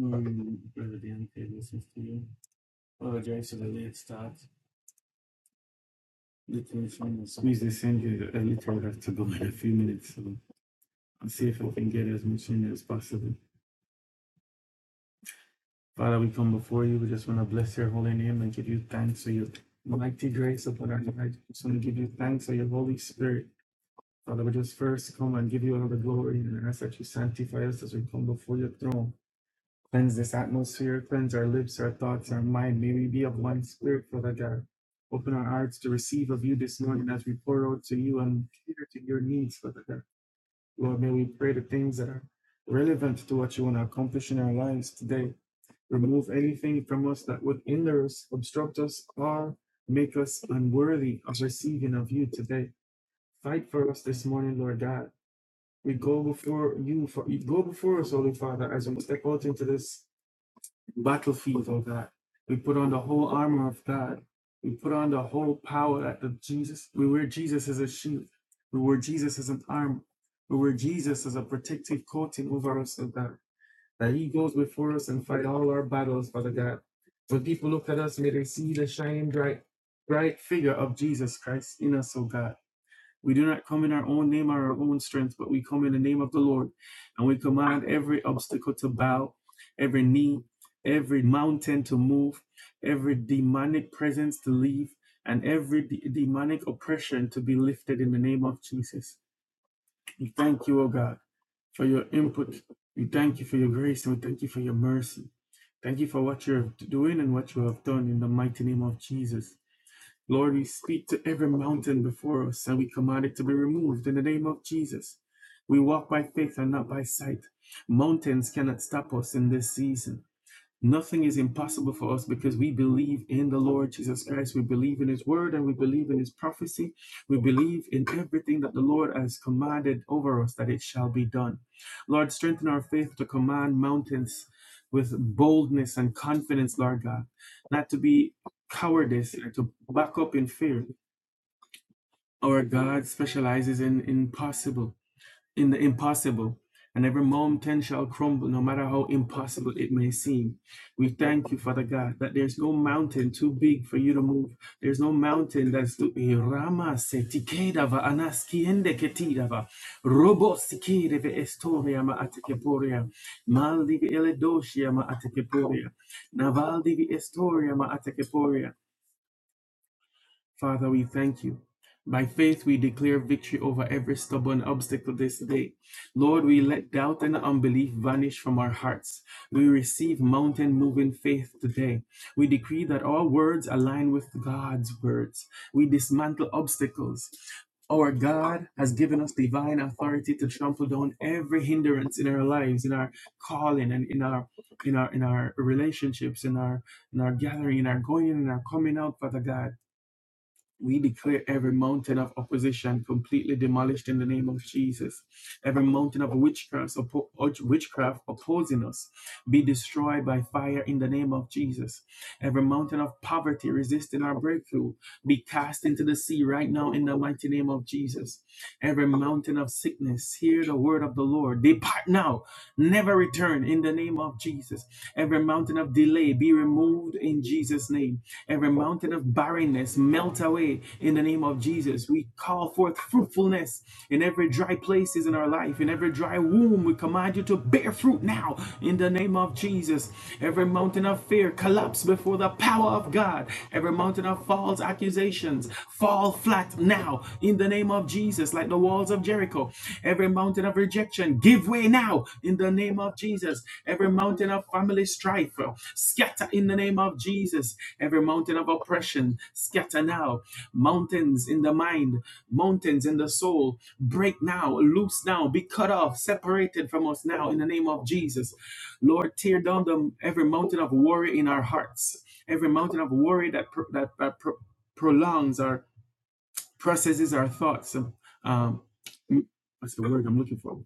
Mm, Brother Deontay listens to you. Apologize for the late start. Literally trying to squeeze this in here. I literally have to go in a few minutes. So I'll see if I can get as much in as possible. Father, we come before you. We just want to bless your holy name and give you thanks for your mighty grace upon our lives. We just want to give you thanks for your Holy Spirit. Father, we just first come and give you all the glory and ask that you sanctify us as we come before your throne. Cleanse this atmosphere, cleanse our lips, our thoughts, our mind. May we be of one spirit, Father God. Open our hearts to receive of you this morning as we pour out to you and cater to your needs, Father God. Lord, may we pray the things that are relevant to what you want to accomplish in our lives today. Remove anything from us that would hinder us, obstruct us, or make us unworthy of receiving of you today. Fight for us this morning, Lord God. We go before you, for, go before us, Holy Father, as we step out into this battlefield, oh God. We put on the whole armor of God. We put on the whole power that the Jesus, we wear Jesus as a shield. We wear Jesus as an armor. We wear Jesus as a protective coating over us, oh God. That He goes before us and fight all our battles, Father God. When people look at us, may they see the shining bright, bright figure of Jesus Christ in us, oh God. We do not come in our own name or our own strength, but we come in the name of the Lord. And we command every obstacle to bow, every knee, every mountain to move, every demonic presence to leave, and every de- demonic oppression to be lifted in the name of Jesus. We thank you, O God, for your input. We thank you for your grace and we thank you for your mercy. Thank you for what you're doing and what you have done in the mighty name of Jesus. Lord, we speak to every mountain before us and we command it to be removed in the name of Jesus. We walk by faith and not by sight. Mountains cannot stop us in this season. Nothing is impossible for us because we believe in the Lord Jesus Christ. We believe in His word and we believe in His prophecy. We believe in everything that the Lord has commanded over us that it shall be done. Lord, strengthen our faith to command mountains with boldness and confidence, Lord God, not to be cowardice or to back up in fear. Our God specializes in impossible in the impossible, and every mountain shall crumble, no matter how impossible it may seem. We thank you, Father God, that there's no mountain too big for you to move. There's no mountain that's too Eh, Rama se anaskiende ketidava. Robo sikedeve estoria ma atekeporia. Maldivi eledoshia ma atekeporia. Navaldivi estoria ma Father, we thank you. By faith, we declare victory over every stubborn obstacle this day. Lord, we let doubt and unbelief vanish from our hearts. We receive mountain moving faith today. We decree that all words align with God's words. We dismantle obstacles. Our God has given us divine authority to trample down every hindrance in our lives, in our calling, and in our in our in our relationships, in our in our gathering, in our going in and our coming out, Father God. We declare every mountain of opposition completely demolished in the name of Jesus. Every mountain of witchcraft, oppo- witchcraft opposing us be destroyed by fire in the name of Jesus. Every mountain of poverty resisting our breakthrough be cast into the sea right now in the mighty name of Jesus. Every mountain of sickness, hear the word of the Lord. Depart now, never return return in the name of Jesus. Every mountain of delay be removed in Jesus' name. Every mountain of barrenness melt away in the name of Jesus. We call forth fruitfulness in every dry places in our life, in every dry womb. We command you to bear fruit now in the name of Jesus. Every mountain of fear collapse before the power of God. Every mountain of false accusations fall flat now in the name of Jesus, like the walls of Jericho. Every mountain of rejection, give way now in the name of Jesus. Every mountain of family strife, uh, scatter in the name of Jesus. Every mountain of oppression, scatter now. Mountains in the mind, mountains in the soul, break now, loose now, be cut off, separated from us now in the name of Jesus. Lord, tear down the, every mountain of worry in our hearts, every mountain of worry that, pro- that, that pro- prolongs our processes our thoughts. Um, um, what's the word I'm looking for?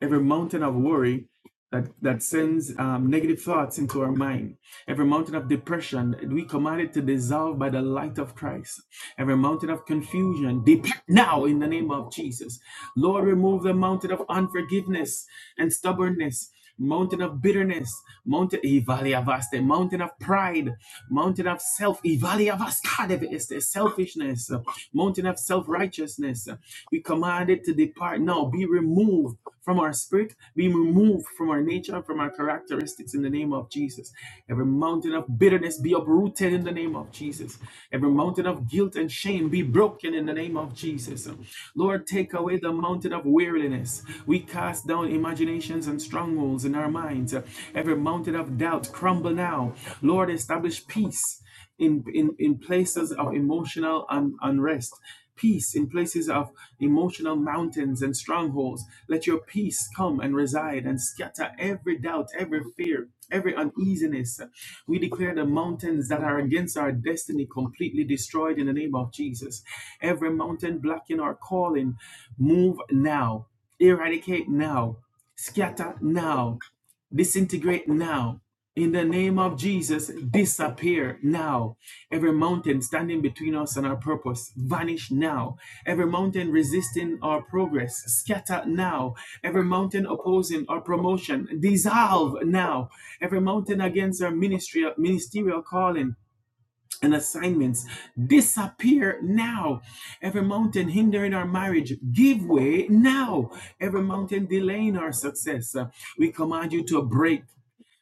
every mountain of worry that, that sends um, negative thoughts into our mind, every mountain of depression, we command it to dissolve by the light of Christ, every mountain of confusion, depart now in the name of Jesus. Lord, remove the mountain of unforgiveness and stubbornness. Mountain of bitterness, mountain eh, valley of mountain of pride, mountain of self, eh, valley of Este, selfishness, mountain of self righteousness. We command it to depart now, be removed from our spirit, being removed from our nature, from our characteristics in the name of Jesus. Every mountain of bitterness be uprooted in the name of Jesus. Every mountain of guilt and shame be broken in the name of Jesus. Lord, take away the mountain of weariness. We cast down imaginations and strongholds in our minds. Every mountain of doubt crumble now. Lord, establish peace in, in, in places of emotional un- unrest. Peace in places of emotional mountains and strongholds. Let your peace come and reside and scatter every doubt, every fear, every uneasiness. We declare the mountains that are against our destiny completely destroyed in the name of Jesus. Every mountain blocking our calling, move now, eradicate now, scatter now disintegrate now. In the name of Jesus, disappear now. Every mountain standing between us and our purpose, vanish now. Every mountain resisting our progress, scatter now. Every mountain opposing our promotion, dissolve now. Every mountain against our ministry, ministerial calling and assignments, disappear now. Every mountain hindering our marriage, give way now. Every mountain delaying our success, uh, we command you to break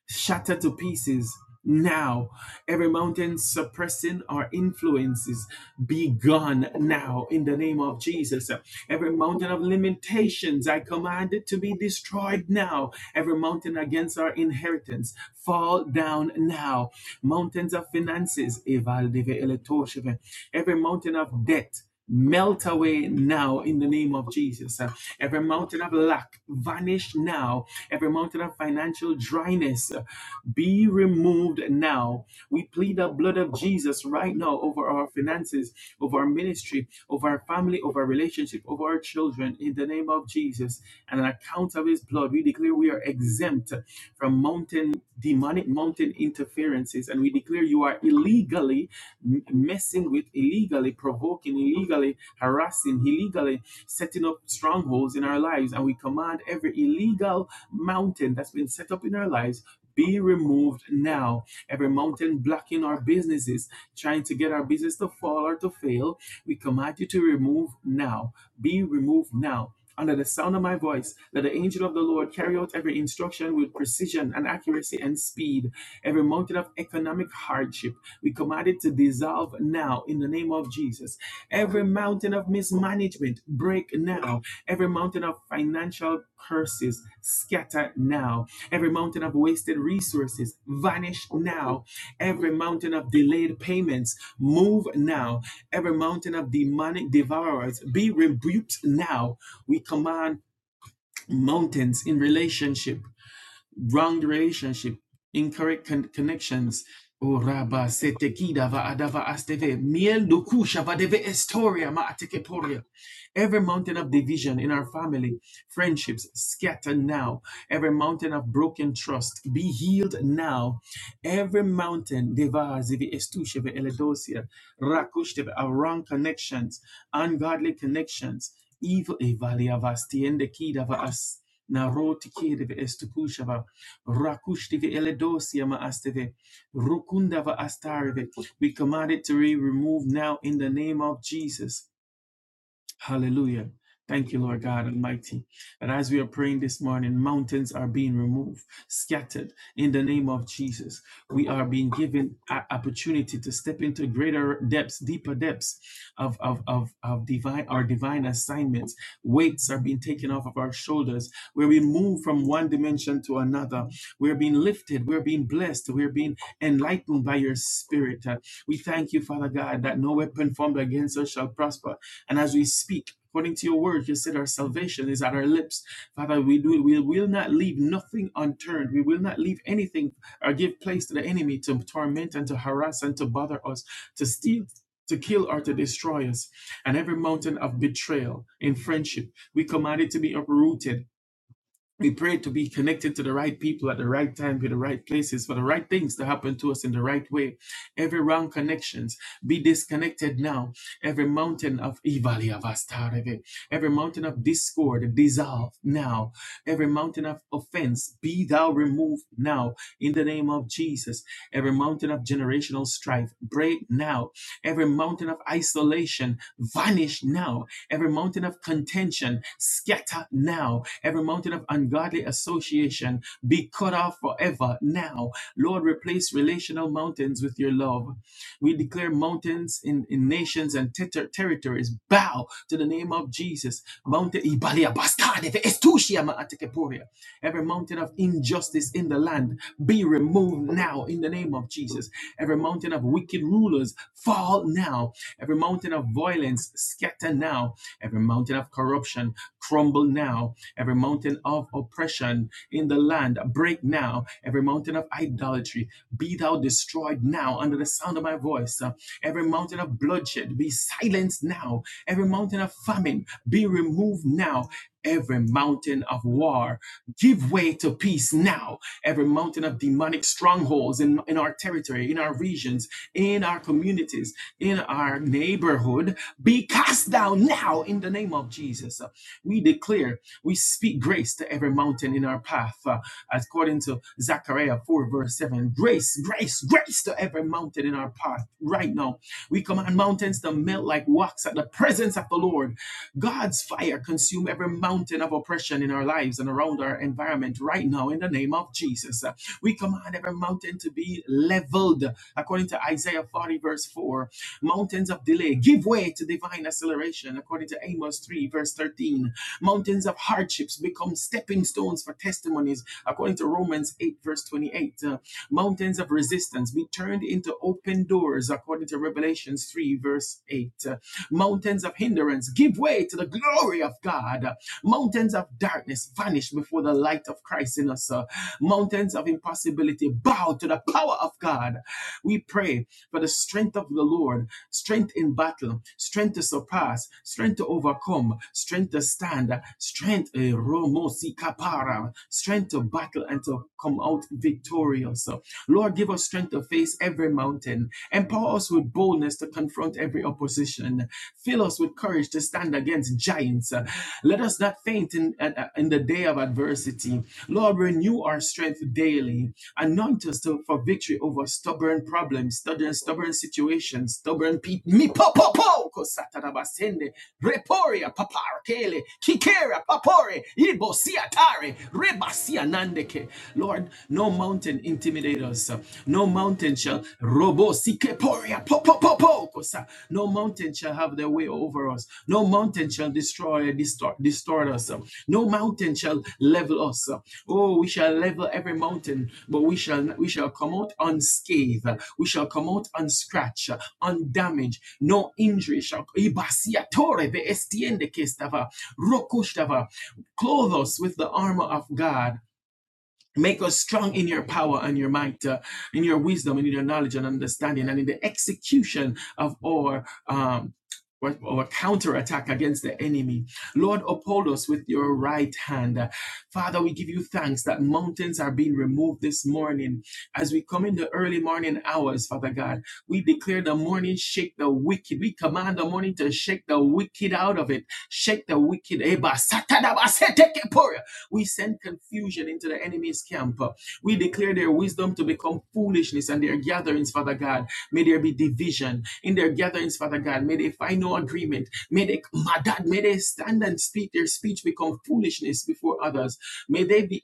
shattered to pieces now. Every mountain suppressing our influences be gone now in the name of Jesus. Every mountain of limitations, I command it to be destroyed now. Every mountain against our inheritance, fall down now. Mountains of finances, every mountain of debt. Melt away now in the name of Jesus. Uh, Every mountain of lack vanish now. Every mountain of financial dryness uh, be removed now. We plead the blood of Jesus right now over our finances, over our ministry, over our family, over our relationship, over our children in the name of Jesus. And on account of his blood, we declare we are exempt from mountain demonic mountain interferences and we declare you are illegally m- messing with illegally provoking illegally harassing illegally setting up strongholds in our lives and we command every illegal mountain that's been set up in our lives be removed now. Every mountain blocking our businesses, trying to get our business to fall or to fail, we command you to remove now. Be removed now. Under the sound of my voice, let the angel of the Lord carry out every instruction with precision and accuracy and speed. Every mountain of economic hardship, we command it to dissolve now in the name of Jesus. Every mountain of mismanagement, break now. Every mountain of financial curses, scatter now. Every mountain of wasted resources, vanish now. Every mountain of delayed payments, move now. Every mountain of demonic devourers, be rebuked now we command mountains in relationship wrong relationship, incorrect con- connections. O raba sete kida va adava asteve miel do kusha va deve estoria ma ateke Every mountain of division in our family, friendships scatter now. Every mountain of broken trust be healed now. Every mountain deva zivi estusheve eledosia rakushteve of wrong connections, ungodly connections, evil evalia vastiende kida va as naroti kida Rakushtive eledosia maasteve. Rukundava astareve. We command it to be removed now in the name of Jesus. Hallelujah. Thank you, Lord God Almighty. And as we are praying this morning, mountains are being removed, scattered in the name of Jesus. We are being given an opportunity to step into greater depths, deeper depths of, of, of, of divine our divine assignments. Weights are being taken off of our shoulders. We're being moved from one dimension to another. We're being lifted. We're being blessed. We're being enlightened by your spirit. Uh, We thank you, Father God, that no weapon formed against us shall prosper and as we speak, according to your word, you said our salvation is at our lips. Father, we do we will not leave nothing unturned. We will not leave anything or give place to the enemy to torment and to harass and to bother us, to steal. To kill or to destroy us, and every mountain of betrayal in friendship, we command it to be uprooted we pray to be connected to the right people at the right time, to the right places, for the right things to happen to us in the right way. Every wrong connections be disconnected now. Every mountain of evil, of us, Tareve. every mountain of discord dissolve now. Every mountain of offense be thou removed now in the name of Jesus. Every mountain of generational strife break now. Every mountain of isolation vanish now Every mountain of contention, scatter now. Every mountain of ungodly association, be cut off forever now. Lord, replace relational mountains with your love. We declare mountains in, in nations and ter- ter- territories bow to the name of Jesus. Mountain Ibalia Bastade, Estusia Maatekeporia. Every mountain of injustice in the land be removed now in the name of Jesus. Every mountain of wicked rulers fall now. Every mountain of violence scatter now Every mountain of corruption crumble now. Every mountain of oppression in the land break now. Every mountain of idolatry be thou destroyed now under the sound of my voice. Uh, Every mountain of bloodshed be silenced now. Every mountain of famine be removed now. Every mountain of war give way to peace now. Every mountain of demonic strongholds in, in our territory, in our regions, in our communities in our neighborhood be cast down now in the name of Jesus. Uh, We declare, we speak grace to every mountain in our path, uh, according to Zechariah 4, verse 7. Grace, grace, grace to every mountain in our path right now. We command mountains to melt like wax at the presence of the Lord. God's fire consume every mountain of oppression in our lives and around our environment right now in the name of Jesus. Uh, We command every mountain to be leveled according to Isaiah 40, verse 4. Mountains of delay, give way to divine acceleration, according to Amos 3, verse 13. Mountains of hardships become stepping stones for testimonies, according to Romans 8, verse 28. Uh, mountains of resistance be turned into open doors, according to Revelations 3, verse 8. Uh, mountains of hindrance give way to the glory of God. Uh, mountains of darkness vanish before the light of Christ in us. Uh, mountains of impossibility bow to the power of God we pray for the strength of the Lord, strength in battle, strength to surpass, strength to overcome, strength to stand, strength, eh, Romo si kapara, strength to battle and to come out victorious. Lord, give us strength to face every mountain. Empower us with boldness to confront every opposition. Fill us with courage to stand against giants. Let us not not faint in, at- in the day of adversity. Lord, renew our strength daily. Anoint us to, for victory over stubborn problems, stubborn, stubborn situations, stubborn people. Mi po po po kosatarabasende reporia paparkele kikera papore ibo siatare rebasianandeke. Lord, no mountain intimidate us. No mountain shall Robo sikeporia po po po po kosa. No mountain shall have their way over us. No mountain shall destroy distort, distort us. No mountain shall level us. Oh, we shall level every mountain, but we shall we shall come out unscathed. We shall come out unscratched, undamaged. No injury shall. Ibasia torre ve estiende que estava. Rokushtava. Clothe us with the armor of God Make us strong in your power and your might, uh, in your wisdom and in your knowledge and understanding, and in the execution of our um, or, or counterattack against the enemy. Lord, uphold us with your right hand. Uh, Father, we give you thanks that mountains are being removed this morning. As we come in the early morning hours, Father God, we declare the morning shake the wicked. We command the morning to shake the wicked out of it. Shake the wicked. Eba, satadaba, setekepora. We send confusion into the enemy's camp. We declare their wisdom to become foolishness and their gatherings, Father God. May there be division in their gatherings, Father God. May they find no agreement. May they, my God, may they stand and speak. Their speech become foolishness before others. May they be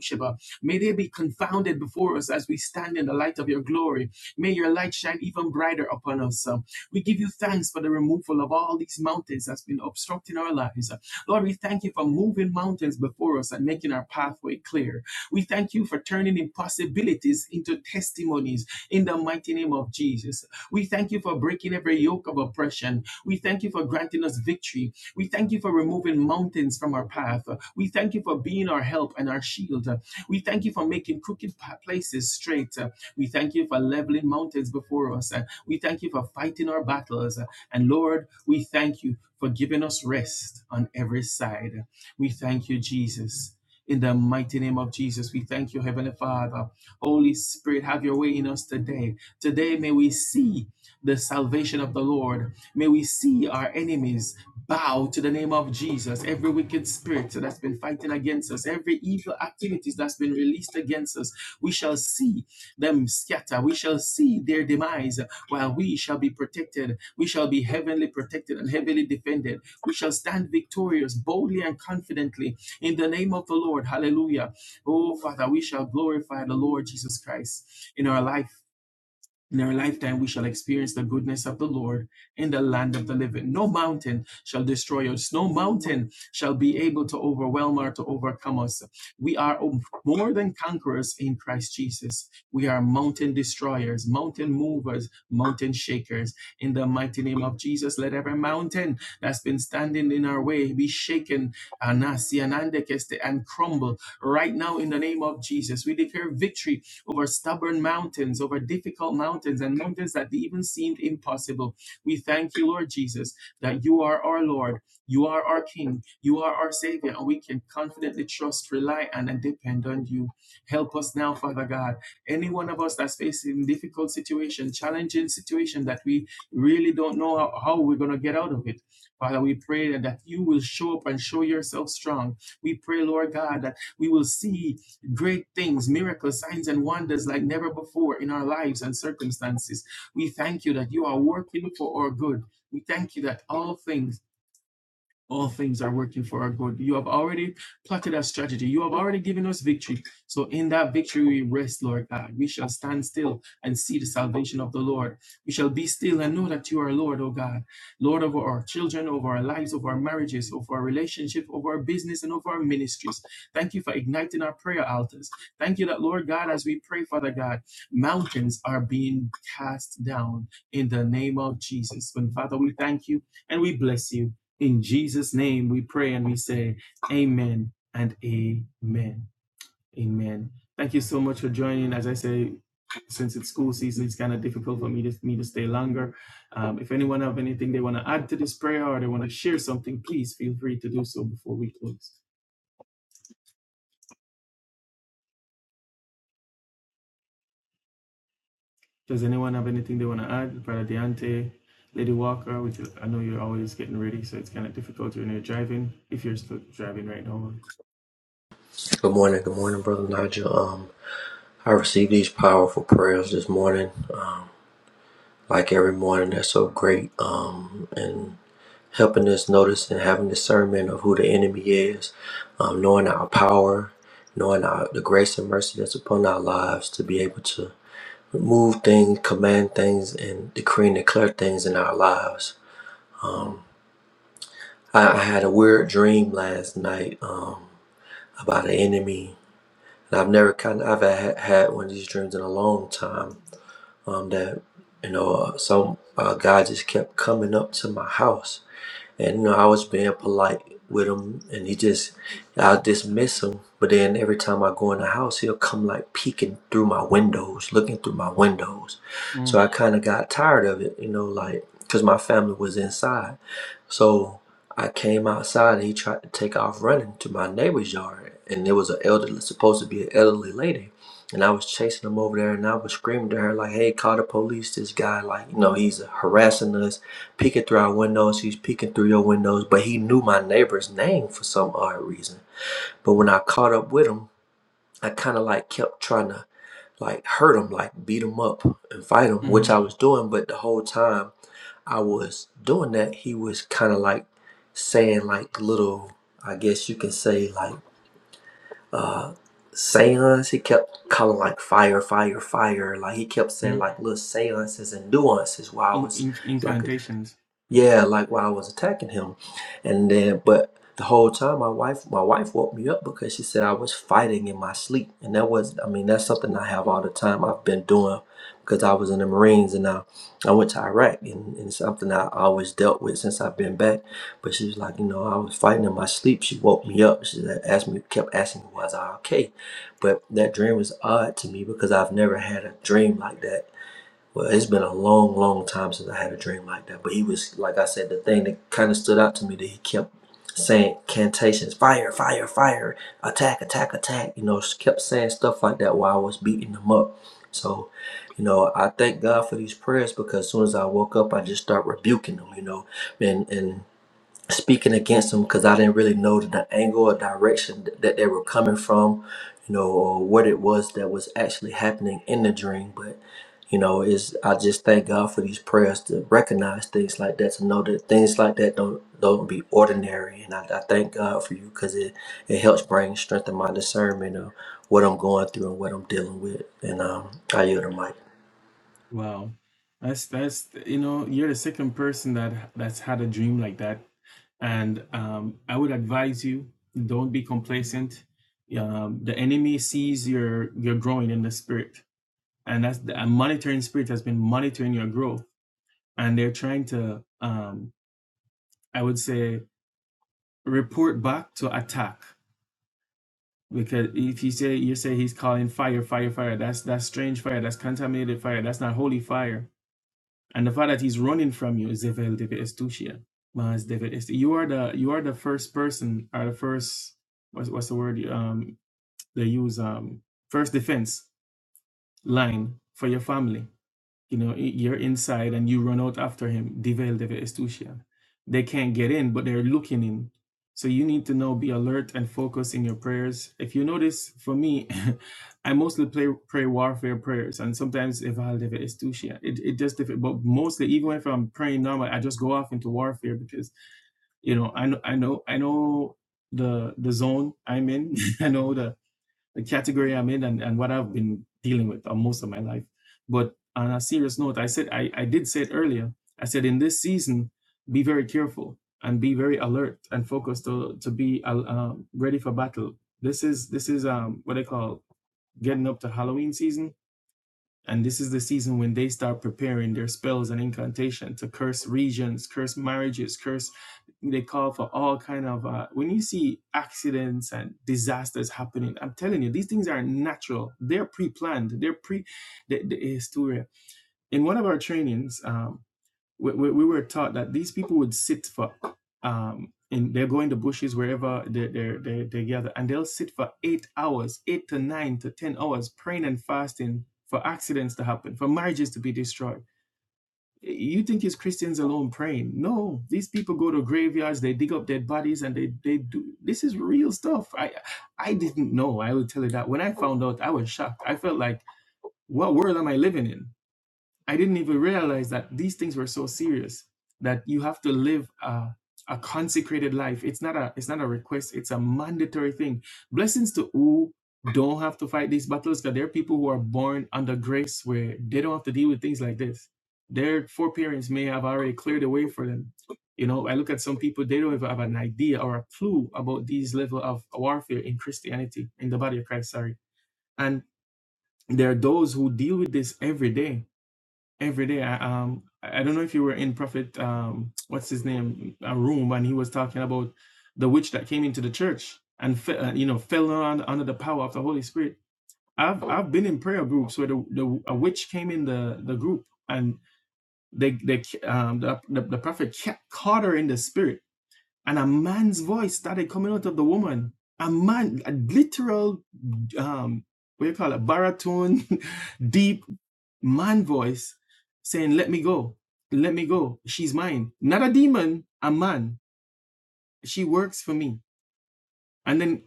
Sheba. May they be confounded before us as we stand in the light of your glory. May your light shine even brighter upon us. Uh, We give you thanks for the removal of all these mountains that's been obstructing our lives. Lord, we thank you for moving mountains before us and making our pathway clear. We thank you for turning impossibilities into testimonies in the mighty name of Jesus. We thank you for breaking every yoke of oppression. We thank you for granting us victory. We thank you for removing mountains from our path. We thank you for being our help and our shield. We thank you for making crooked pa- places straight. We thank you for leveling mountains before us. We thank you for fighting our battles. And Lord, we thank you for giving us rest on every side. We thank you, Jesus. In the mighty name of Jesus, we thank you, Heavenly Father. Holy Spirit, have your way in us today. Today, may we see the salvation of the Lord. May we see our enemies bow to the name of Jesus. Every wicked spirit that's been fighting against us, every evil activities that's been released against us, we shall see them scatter. We shall see their demise while we shall be protected. We shall be heavenly protected and heavily defended. We shall stand victorious boldly and confidently in the name of the Lord. Hallelujah. Oh, Father, we shall glorify the Lord Jesus Christ in our life in our lifetime, we shall experience the goodness of the Lord in the land of the living. No mountain shall destroy us. No mountain shall be able to overwhelm or to overcome us. We are more than conquerors in Christ Jesus. We are mountain destroyers, mountain movers, mountain shakers. In the mighty name of Jesus, let every mountain that's been standing in our way be shaken anasi, anandekeste, and crumble right now in the name of Jesus. We declare victory over stubborn mountains, over difficult mountains, and mountains that even seemed impossible. We thank you, Lord Jesus, that you are our Lord, you are our King, you are our Savior, and we can confidently trust, rely, on, and depend on you. Help us now, Father God. Any one of us that's facing difficult situation, challenging situation that we really don't know how, how we're going to get out of it. Father, we pray that you will show up and show yourself strong. We pray, Lord God, that we will see great things, miracles, signs, and wonders like never before in our lives and circumstances. We thank you that you are working for our good. We thank you that all things all things are working for our good. You have already plotted a strategy. You have already given us victory. So in that victory we rest, Lord God. We shall stand still and see the salvation of the Lord. We shall be still and know that you are Lord, O God. Lord over our children, over our lives, over our marriages, over our relationship, over our business, and over our ministries. Thank you for igniting our prayer altars. Thank you that, Lord God, as we pray, Father God, mountains are being cast down in the name of Jesus. And Father, we thank you and we bless you. In Jesus' name we pray and we say, Amen and Amen. Amen. Thank you so much for joining. As I say, since it's school season, it's kind of difficult for me to me to stay longer. Um, if anyone have anything they want to add to this prayer or they want to share something, please feel free to do so before we close. Does anyone have anything they want to add? Brother Deante, Lady Walker, which I know you're always getting ready, so it's kind of difficult when you're driving, if you're still driving right now. Good morning, good morning, brother Nigel. Um, I received these powerful prayers this morning, um, like every morning. They're so great. Um, and helping us notice and having discernment of who the enemy is, um, knowing our power, knowing our the grace and mercy that's upon our lives to be able to move things, command things, and decree and declare things in our lives. I, I had a weird dream last night um, about an enemy. And I've never kind of I've had, had one of these dreams in a long time um, that you know uh, some uh, guy just kept coming up to my house, and you know I was being polite with him, and he just I dismiss him. But then every time I go in the house, he'll come like peeking through my windows, looking through my windows. So Mm, I kind of got tired of it, you know, like because my family was inside. So I came outside and he tried to take off running to my neighbor's yard. And there was an elderly, supposed to be an elderly lady. And I was chasing him over there and I was screaming to her, like, hey, call the police. This guy, like, you know, he's harassing us, peeking through our windows. He's peeking through your windows. But he knew my neighbor's name for some odd reason. But when I caught up with him, I kind of like kept trying to like hurt him, like beat him up and fight him, which mhm, I was doing. But the whole time, I was doing that, he was kind of like saying like little, I guess you can say like seances. He kept calling like fire, fire, fire. Like he kept saying mhm. like little seances and nuances while I In, was in, like incantations. yeah, like while I was attacking him, and then but the whole time my wife my wife woke me up because she said I was fighting in my sleep, and that was I mean that's something I have all the time. I've been doing because I was in the Marines and I I went to Iraq and, and something I always dealt with since I've been back. But she was like, you know, I was fighting in my sleep. She woke me up. She said- asked me kept asking me was I okay, but that dream was odd to me because I've never had a dream like that well, it's been a long, long time since I had a dream like that. But he was, like I said, the thing that kind of stood out to me that he kept saying cantations, fire, fire, fire, attack, attack, attack. You know, kept saying stuff like that while I was beating him up. So, you know, I thank God for these prayers because as soon as I woke up, I just start rebuking them. You know, and and speaking against them because I didn't really know the angle or direction th- that they were coming from, you know, or what it was that was actually happening in the dream. But you know, is I just thank God for these prayers to recognize things like that, to know that things like that don't don't be ordinary. And I, I thank God for you because it it helps bring strength in my discernment of what I'm going through and what I'm dealing with. And um, I yield the mic. Wow. That's that's you know, you're the second person that that's had a dream like that. And um, I would advise you, don't be complacent. Um, the enemy sees your your growing in the spirit, and that's the and monitoring spirit has been monitoring your growth, and they're trying to, um, I would say, report back to attack. Because if you say you say he's calling fire, fire, fire, that's that's strange fire, that's contaminated fire, that's not holy fire And the fact that he's running from you is Evel David Estucia. Mas David Estu- You are the you are the first person or the first what's, what's the word um they use um first defense line for your family you know, i- you're inside and you run out after him, Devel deve Estusian. They can't get in, but they're looking in. So you need to now be alert and focus in your prayers. If you notice, for me, I mostly play pray warfare prayers and sometimes Eval deve Estusian. It it just if but mostly even if I'm praying normal, I just go off into warfare because you know I know I know I know the the zone I'm in. I know the the category I'm in and, and what I've been dealing with uh, most of my life. But on a serious note, I said I, I did say it earlier. I said in this season, be very careful and be very alert and focused to to be uh, um, ready for battle. This is this is um what I call getting up to Halloween season and this is the season when they start preparing their spells and incantation to curse regions, curse marriages, curse. They call for all kind of. Uh, when you see accidents and disasters happening, I'm telling you, these things are natural. They're pre-planned. They're pre. The, the, it's in one of our trainings, um, we, we, we were taught that these people would sit for um in they'll go in the bushes wherever they they they, they gather and they'll sit for eight hours eight to nine to ten hours praying and fasting for accidents to happen for marriages to be destroyed you think it's christians alone praying no these people go to graveyards they dig up dead bodies and they they do this is real stuff i i didn't know i will tell you that when i found out i was shocked i felt like what world am i living in I didn't even realize that these things were so serious that you have to live a, a consecrated life. It's not a it's not a request. It's a mandatory thing. Blessings to who don't have to fight these battles because there are people who are born under grace where they don't have to deal with things like this. Their foreparents may have already cleared the way for them. You know, I look at some people; they don't even have an idea or a clue about these level of warfare in Christianity, in the body of Christ. Sorry, and there are those who deal with this every day every day. I, um, I don't know if you were in Prophet, um, what's his name, a room, and he was talking about the witch that came into the church and fe- uh, you know fell on, under the power of the Holy Spirit. I've I've been in prayer groups where the, the a witch came in the, the group and they they um the the, the prophet ca- caught her in the spirit and a man's voice started coming out of the woman. A man, a literal um, what do you call it, baritone, deep man voice saying, Let me go. Let me go. She's mine. Not a demon, a man. She works for me. And then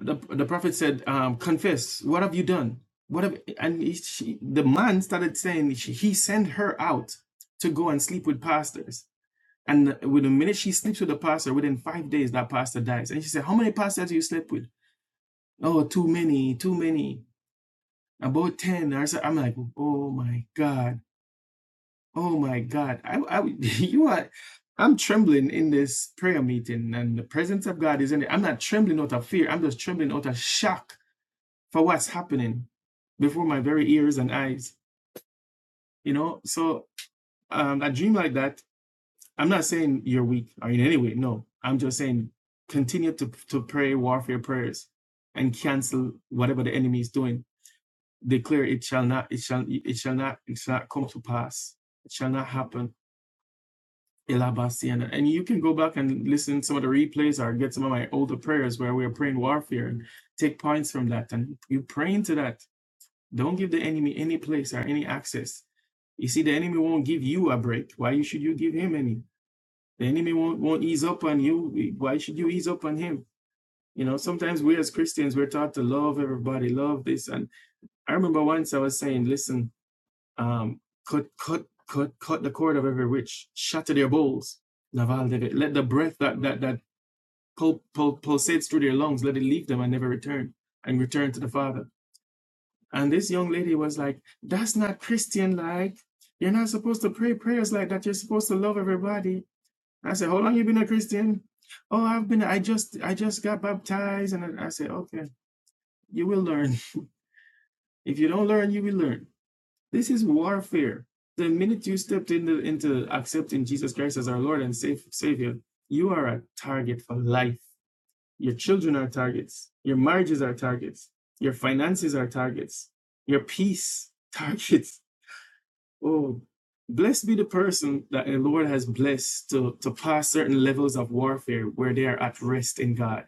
the, the prophet said, um, Confess, what have you done? What have, and he, she, the man started saying she, he sent her out to go and sleep with pastors. And with the minute she sleeps with the pastor, within five days, that pastor dies. And she said, How many pastors do you slept with? Oh, too many, too many, about 10. I said, I'm like, Oh my God Oh my God. I, I would- you are, I'm trembling in this prayer meeting, and the presence of God is in it. I'm not trembling out of fear. I'm just trembling out of shock for what's happening before my very ears and eyes. You know, so um, a dream like that. I'm not saying you're weak or in any way. No, I'm just saying continue to to pray warfare prayers and cancel whatever the enemy is doing. Declare it shall not. It shall. It shall not. It shall not come to pass. It shall not happen Elabasiana. And you can go back and listen to some of the replays or get some of my older prayers where we are praying warfare and take points from that. And you pray into that. Don't give the enemy any place or any access. You see, the enemy won't give you a break. Why should you give him any? The enemy won't, won't ease up on you. Why should you ease up on him? You know, sometimes we as Christians, we're taught to love everybody, love this. And I remember once I was saying, listen, um, cut, cut, cut, cut the cord of every witch, shatter their bowls. Naval did it. Let the breath that that that pul- pul- pulsates through their lungs, let it leave them and never return, and return to the Father. And this young lady was like, "That's not Christian like. You're not supposed to pray prayers like that. You're supposed to love everybody." I said, "How long you been a Christian?" "Oh, I've been. I just I just got baptized." And I, I said, "Okay, you will learn. If you don't learn, you will learn." This is warfare. The minute you stepped into, into accepting Jesus Christ as our Lord and Savior, you are a target for life. Your children are targets. Your marriages are targets. Your finances are targets. Your peace, targets. Oh, blessed be the person that the Lord has blessed to, to pass certain levels of warfare where they are at rest in God.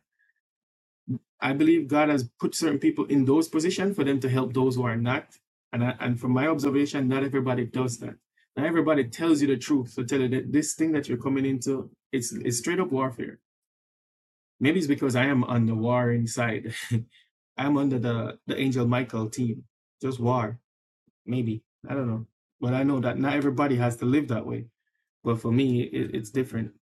I believe God has put certain people in those positions for them to help those who are not. And I, and from my observation, not everybody does that. Not everybody tells you the truth. So tell you that this thing that you're coming into, it's it's straight up warfare. Maybe it's because I am on the warring side. I'm under the the Angel Michael team. Just war, maybe. I don't know. But I know that not everybody has to live that way. But for me, it, it's different.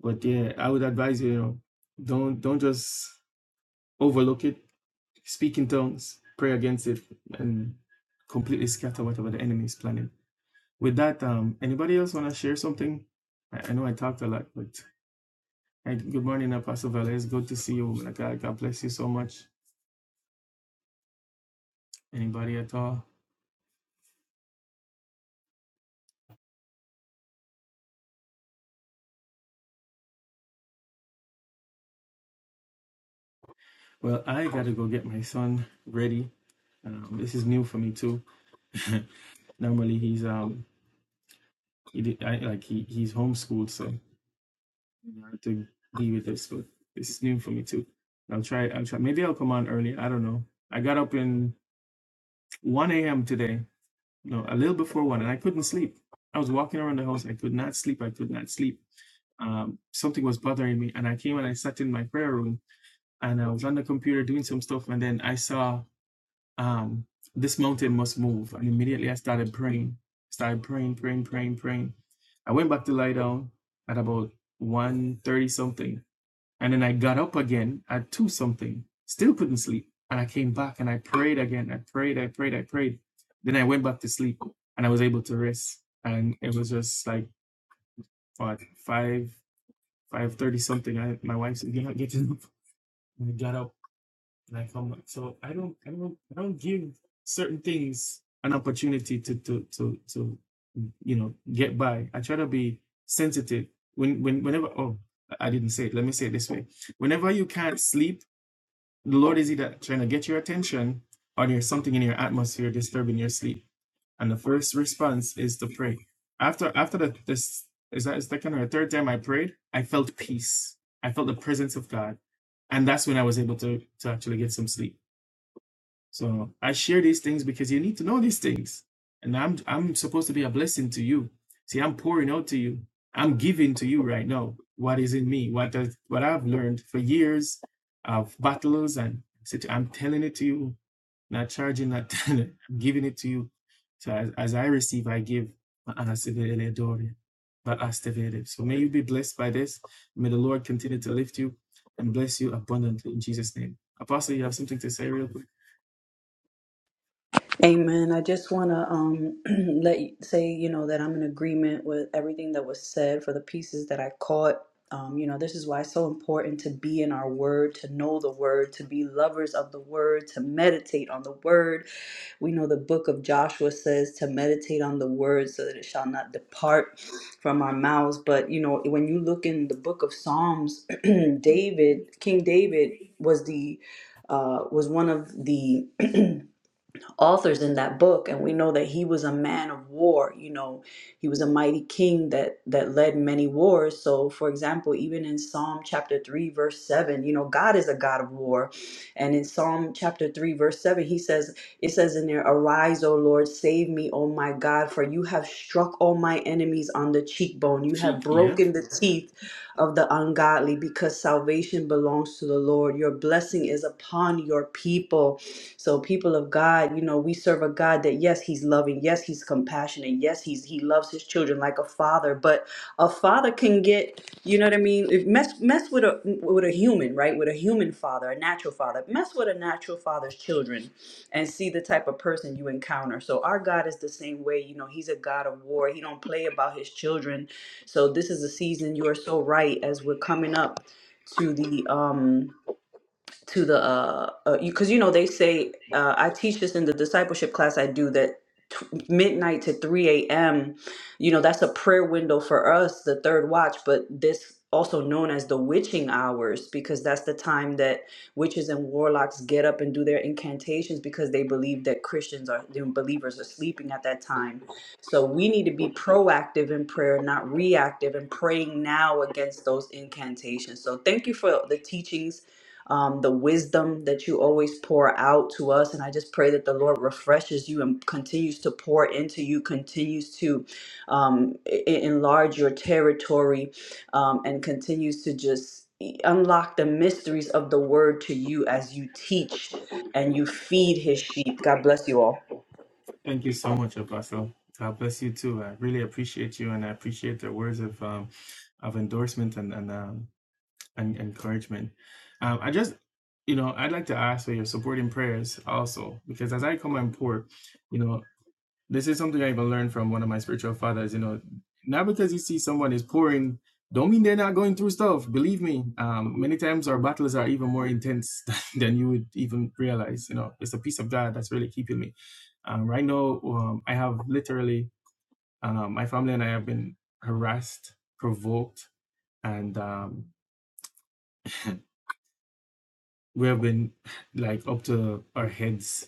But yeah, I would advise you, you know, don't don't just overlook it Speak in tongues, pray against it, and completely scatter whatever the enemy is planning. With that, um, anybody else want to share something? I, I know I talked a lot, but hey, good morning, Apostle Velez. Good to see you, woman of God. God bless you so much. Anybody at all? Well, I got to go get my son ready. Um, this is new for me too. Normally he's um he did, I, like he he's homeschooled, so I have to be with this, but this is new for me too. I'll try. I'll try. Maybe I'll come on early. I don't know. I got up in 1 a.m. today, no, a little before 1, and I couldn't sleep. I was walking around the house. I could not sleep. I could not sleep. Um, something was bothering me. And I came and I sat in my prayer room and I was on the computer doing some stuff. And then I saw um, this mountain must move. And immediately I started praying, started praying, praying, praying, praying. I went back to lie down at about 1.30 something and then I got up again at two something, still couldn't sleep. And I came back and I prayed again. I prayed, I prayed, I prayed. Then I went back to sleep and I was able to rest. And it was just like what five, five thirty something. I, my wife said, You're not getting up. And I got up and I come back. So I don't I don't I don't give certain things an opportunity to to to to you know get by. I try to be sensitive. When when whenever oh I didn't say it, let me say it this way. Whenever you can't sleep the Lord is either trying to get your attention or there's something in your atmosphere disturbing your sleep. And the first response is to pray. After after the this is that is second or third time I prayed, I felt peace. I felt the presence of God. And that's when I was able to to actually get some sleep. So I share these things because you need to know these things. And I'm I'm supposed to be a blessing to you. See, I'm pouring out to you. I'm giving to you right now what is in me, what does what I've learned for years of battles and such. I'm telling it to you, not charging, not telling it. I'm giving it to you. So as, as I receive, I give. So may you be blessed by this. May the Lord continue to lift you and bless you abundantly in Jesus' name. Apostle, you have something to say real quick? Amen. I just want to um, let you, say, you know, that I'm in agreement with everything that was said for the pieces that I caught. Um, you know, this is why it's so important to be in our word, to know the word, to be lovers of the word, to meditate on the word. We know the book of Joshua says to meditate on the word so that it shall not depart from our mouths. But, you know, when you look in the book of Psalms, David, King David was the, uh, was one of the, authors in that book and we know that he was a man of war you know he was a mighty king that that led many wars so for example even in psalm chapter 3 verse 7 you know god is a god of war and in psalm chapter 3 verse 7 he says it says in there arise o lord save me o my god for you have struck all my enemies on the cheekbone you have Sheikh, yep. broken the teeth of the ungodly because salvation belongs to the lord your blessing is upon your people so people of God, you know, we serve a God that yes, he's loving, yes, he's compassionate, yes, he's he loves his children like a father, but a father can get, you know what I mean, if mess mess with a with a human, right? With a human father, a natural father. Mess with a natural father's children and see the type of person you encounter. So our God is the same way, you know, he's a God of war. He don't play about his children. So this is a season you are so right as we're coming up to the um to the uh because uh, you, 'cause you know they say uh, I teach this in the discipleship class I do that t- midnight to 3 a.m. you know that's a prayer window for us the third watch but this also known as the witching hours because that's the time that witches and warlocks get up and do their incantations because they believe that Christians are the believers are sleeping at that time so we need to be proactive in prayer not reactive and praying now against those incantations so thank you for the teachings um, the wisdom that you always pour out to us. And I just pray that the Lord refreshes you and continues to pour into you, continues to um, e- e- enlarge your territory, um, and continues to just e-, unlock the mysteries of the word to you as you teach and you feed his sheep. God bless you all. Thank you so much, Apostle. God bless you too. I really appreciate you, and I appreciate the words of um, of endorsement and and, um, and encouragement. Um, I just, you know, I'd like to ask for your supporting prayers also, because as I come and pour, you know. This is something I even learned from one of my spiritual fathers. You know, not because you see someone is pouring, don't mean they're not going through stuff. Believe me, um, many times our battles are even more intense than you would even realize. You know, it's the peace of God that's really keeping me. Um, right now, um, I have literally um, my family and I have been harassed, provoked, and um, we have been like up to our heads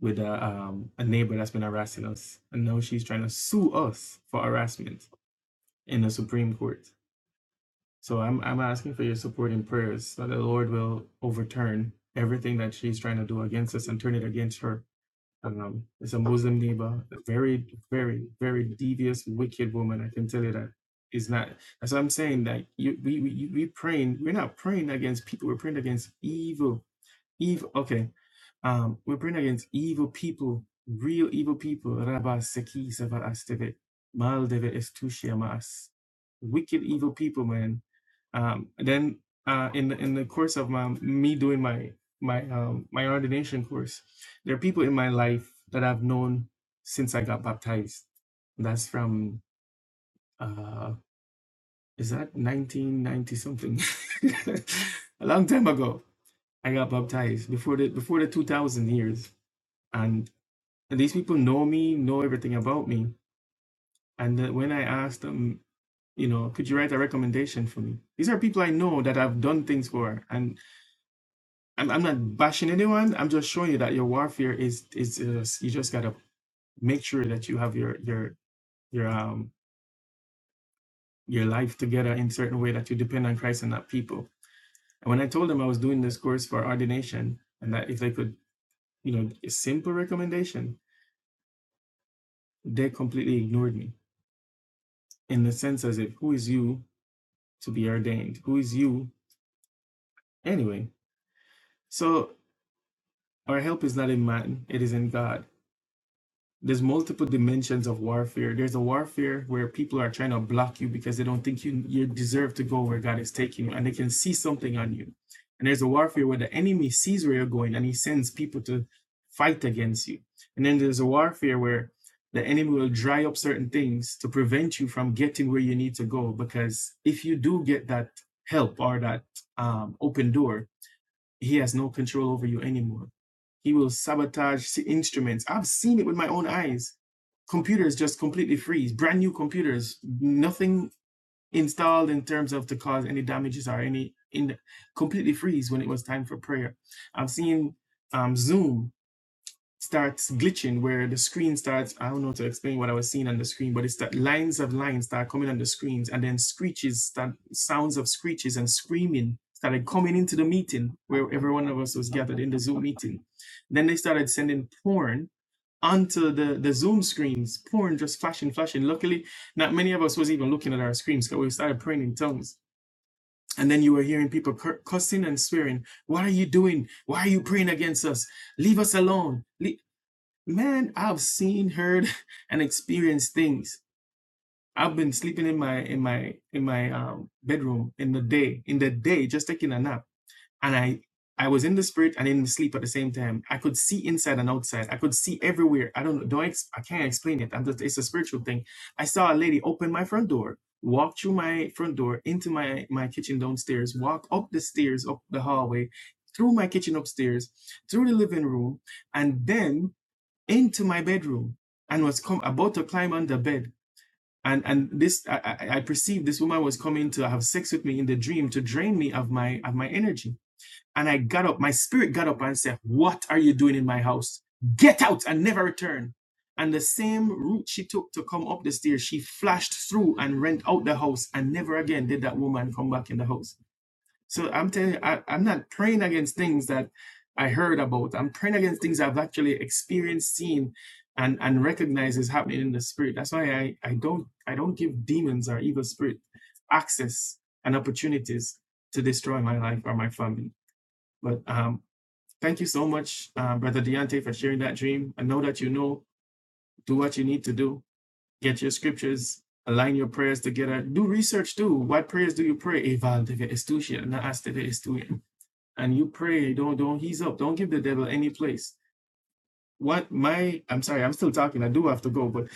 with a um, a neighbor that's been harassing us, and now she's trying to sue us for harassment in the Supreme Court. So I'm I'm asking for your support in prayers that the Lord will overturn everything that she's trying to do against us and turn it against her. Um, it's a Muslim neighbor, a very, very, very devious, wicked woman. I can tell you that. Is not that's what I'm saying. That you, we, we, we praying. We're not praying against people. We're praying against evil. Evil. Okay. Um, we bring against evil people, real evil people. Rabba seki sava asteve, mal deve estushia mas. Wicked evil people, man. Um, then uh, in the, in the course of my me doing my my um, my ordination course, there are people in my life that I've known since I got baptized. That's from uh, is that 1990 something, a long time ago I got baptized before the before the 2000 years, and these people know me, know everything about me. And uh, when I asked them, you know, could you write a recommendation for me? These are people I know that I've done things for, and I'm, I'm not bashing anyone. I'm just showing you that your warfare is is uh, you just gotta make sure that you have your your your um your life together in certain way that you depend on Christ and not people. And when I told them I was doing this course for ordination, and that if they could, you know, a simple recommendation, They completely ignored me in the sense as if, who is you to be ordained? Who is you anyway? So our help is not in man, it is in God. there's multiple dimensions of warfare. There's a warfare where people are trying to block you because they don't think you you deserve to go where God is taking you, and they can see something on you. And there's a warfare where the enemy sees where you're going and he sends people to fight against you. And then there's a warfare where the enemy will dry up certain things to prevent you from getting where you need to go. Because if you do get that help or that um, open door, he has no control over you anymore he will sabotage si-, instruments. I've seen it with my own eyes. Computers just completely freeze, brand new computers, nothing installed in terms of to cause any damages or any in completely freeze when it was time for prayer. I've seen um, Zoom starts glitching where the screen starts i don't know to explain what i was seeing on the screen but it's that lines of lines start coming on the screens and then screeches start sounds of screeches and screaming started coming into the meeting where every one of us was gathered in the zoom meeting then they started sending porn onto the the zoom screens porn just flashing flashing luckily not many of us was even looking at our screens because we started praying in tongues and then you were hearing people cursing and swearing what are you doing why are you praying against us leave us alone man i've seen heard and experienced things i've been sleeping in my in my in my um bedroom in the day in the day just taking a nap and i i was in the spirit and in the sleep at the same time i could see inside and outside i could see everywhere i don't know don't ex- i can't explain it i'm just it's a spiritual thing i saw a lady open my front door walk through my front door into my my kitchen downstairs walk up the stairs up the hallway through my kitchen upstairs through the living room and then into my bedroom and was come about to climb on the bed. And and this I, I I perceived this woman was coming to have sex with me in the dream to drain me of my of my energy. And I got up, my spirit got up and said, What are you doing in my house? Get out and never return. And the same route she took to come up the stairs, she flashed through and rent out the house. And never again did that woman come back in the house. So I'm telling you, I, I'm not praying against things that I heard about. I'm praying against things I've actually experienced, seen, and and recognized is happening in the spirit. That's why I I don't I don't give demons or evil spirit access and opportunities to destroy my life or my family. But um, thank you so much, uh, brother Deontay, for sharing that dream. I know that you know. Do what you need to do. Get your scriptures. Align your prayers together. Do research too. What prayers do you pray? Eval, estudian, na aste de and you pray, don't don't he's up, don't give the devil any place. What my I'm sorry, I'm still talking. I do have to go, but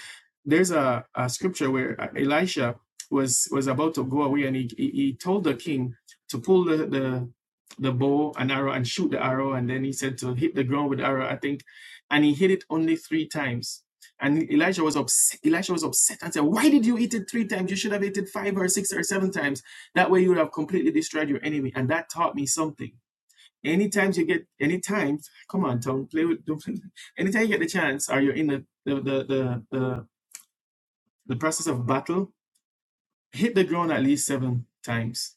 there's a, a scripture where uh, Elisha was was about to go away, and he he, he told the king to pull the, the the bow and arrow and shoot the arrow, and then he said to hit the ground with the arrow, I think, and he hit it only three times. And Elisha was upset. Elisha was upset and said, "Why did you eat it three times? You should have eaten it five or six or seven times. That way, you would have completely destroyed your enemy." And that taught me something Anytime you get, anytime, come on, Tom, play with. Don't, anytime you get the chance, or you're in the the, the the the the process of battle, hit the ground at least seven times.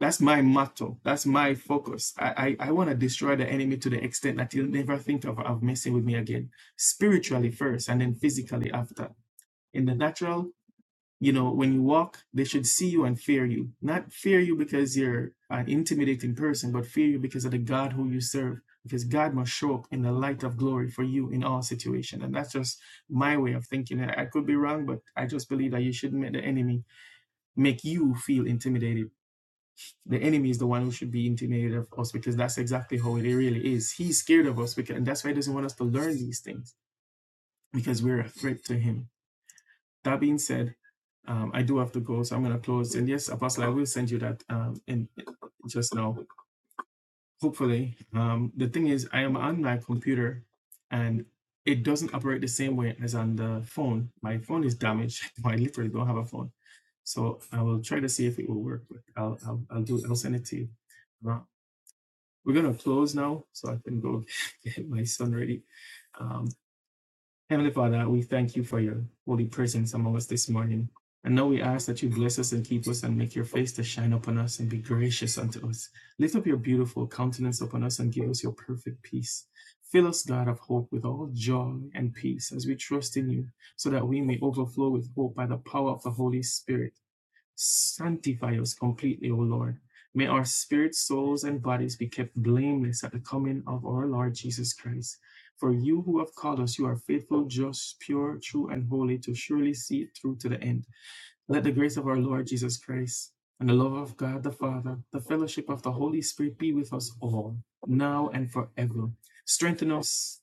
That's my motto. That's my focus. I I, I want to destroy the enemy to the extent that he'll never think of, of messing with me again. Spiritually first, and then physically after. In the natural, you know, when you walk, they should see you and fear you. Not fear you because you're an intimidating person, but fear you because of the God who you serve. Because God must show up in the light of glory for you in all situations, And that's just my way of thinking. I I could be wrong, but I just believe that you shouldn't make the enemy make you feel intimidated. The enemy is the one who should be intimidated of us because that's exactly how it really is. He's scared of us because and that's why he doesn't want us to learn these things because we're a threat to him that being said, um, I do have to go, so I'm going to close. And yes, Apostle, I will send you that um, in just now. Hopefully, um, the thing is, I am on my computer, and it doesn't operate the same way as on the phone. My phone is damaged. I literally don't have a phone, so I will try to see if it will work. But I'll I'll, I'll do. I'll send it to you. Uh, we're gonna close now, so I can go get my son ready. Um, Heavenly Father, we thank you for your holy presence among us this morning. And now we ask that you bless us and keep us and make your face to shine upon us and be gracious unto us. Lift up your beautiful countenance upon us and give us your perfect peace. Fill us, God of hope, with all joy and peace as we trust in you, so that we may overflow with hope by the power of the Holy Spirit. Sanctify us completely, O Lord. May our spirits, souls, and bodies be kept blameless at the coming of our Lord Jesus Christ. For you who have called us, you are faithful, just, pure, true, and holy to surely see it through to the end. Let the grace of our Lord Jesus Christ and the love of God the Father, the fellowship of the Holy Spirit be with us all, now and forever. Strengthen us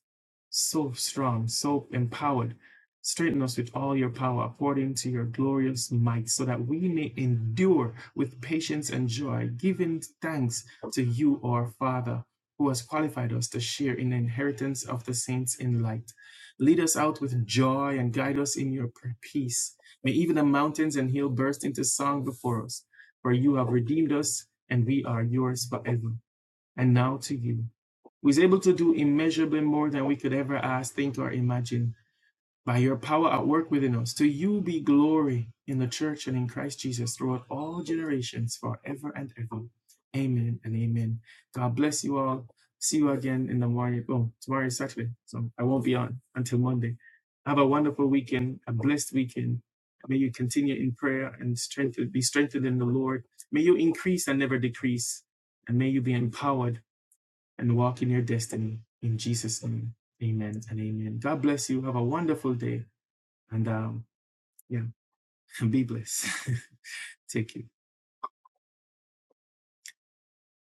so strong, so empowered. Strengthen us with all your power according to your glorious might, so that we may endure with patience and joy, giving thanks to you, our Father, who has qualified us to share in the inheritance of the saints in light. Lead us out with joy and guide us in your peace. May even the mountains and hills burst into song before us, for you have redeemed us, and we are yours forever. And now to you, who is able to do immeasurably more than we could ever ask, think, or imagine by your power at work within us. To you be glory in the church and in Christ Jesus throughout all generations, forever and ever. Amen and amen. God bless you all. See you again in the morning. Oh, tomorrow is Saturday, so I won't be on until Monday. Have a wonderful weekend, a blessed weekend. May you continue in prayer and strengthen, be strengthened in the Lord. May you increase and never decrease. And may you be empowered and walk in your destiny. In Jesus' name, amen and amen. God bless you. Have a wonderful day and um, yeah, be blessed. Take you.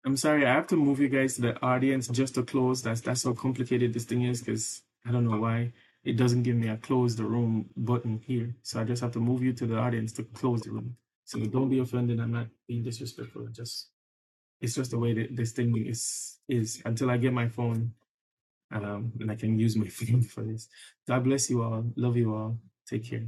I'm sorry, I have to move you guys to the audience just to close. That's that's how complicated this thing is because I don't know why it doesn't give me a close the room button here. So I just have to move you to the audience to close the room. So don't be offended. I'm not being disrespectful. just it's just the way that this thing is is until I get my phone um, and I can use my phone for this. God bless you all. Love you all. Take care.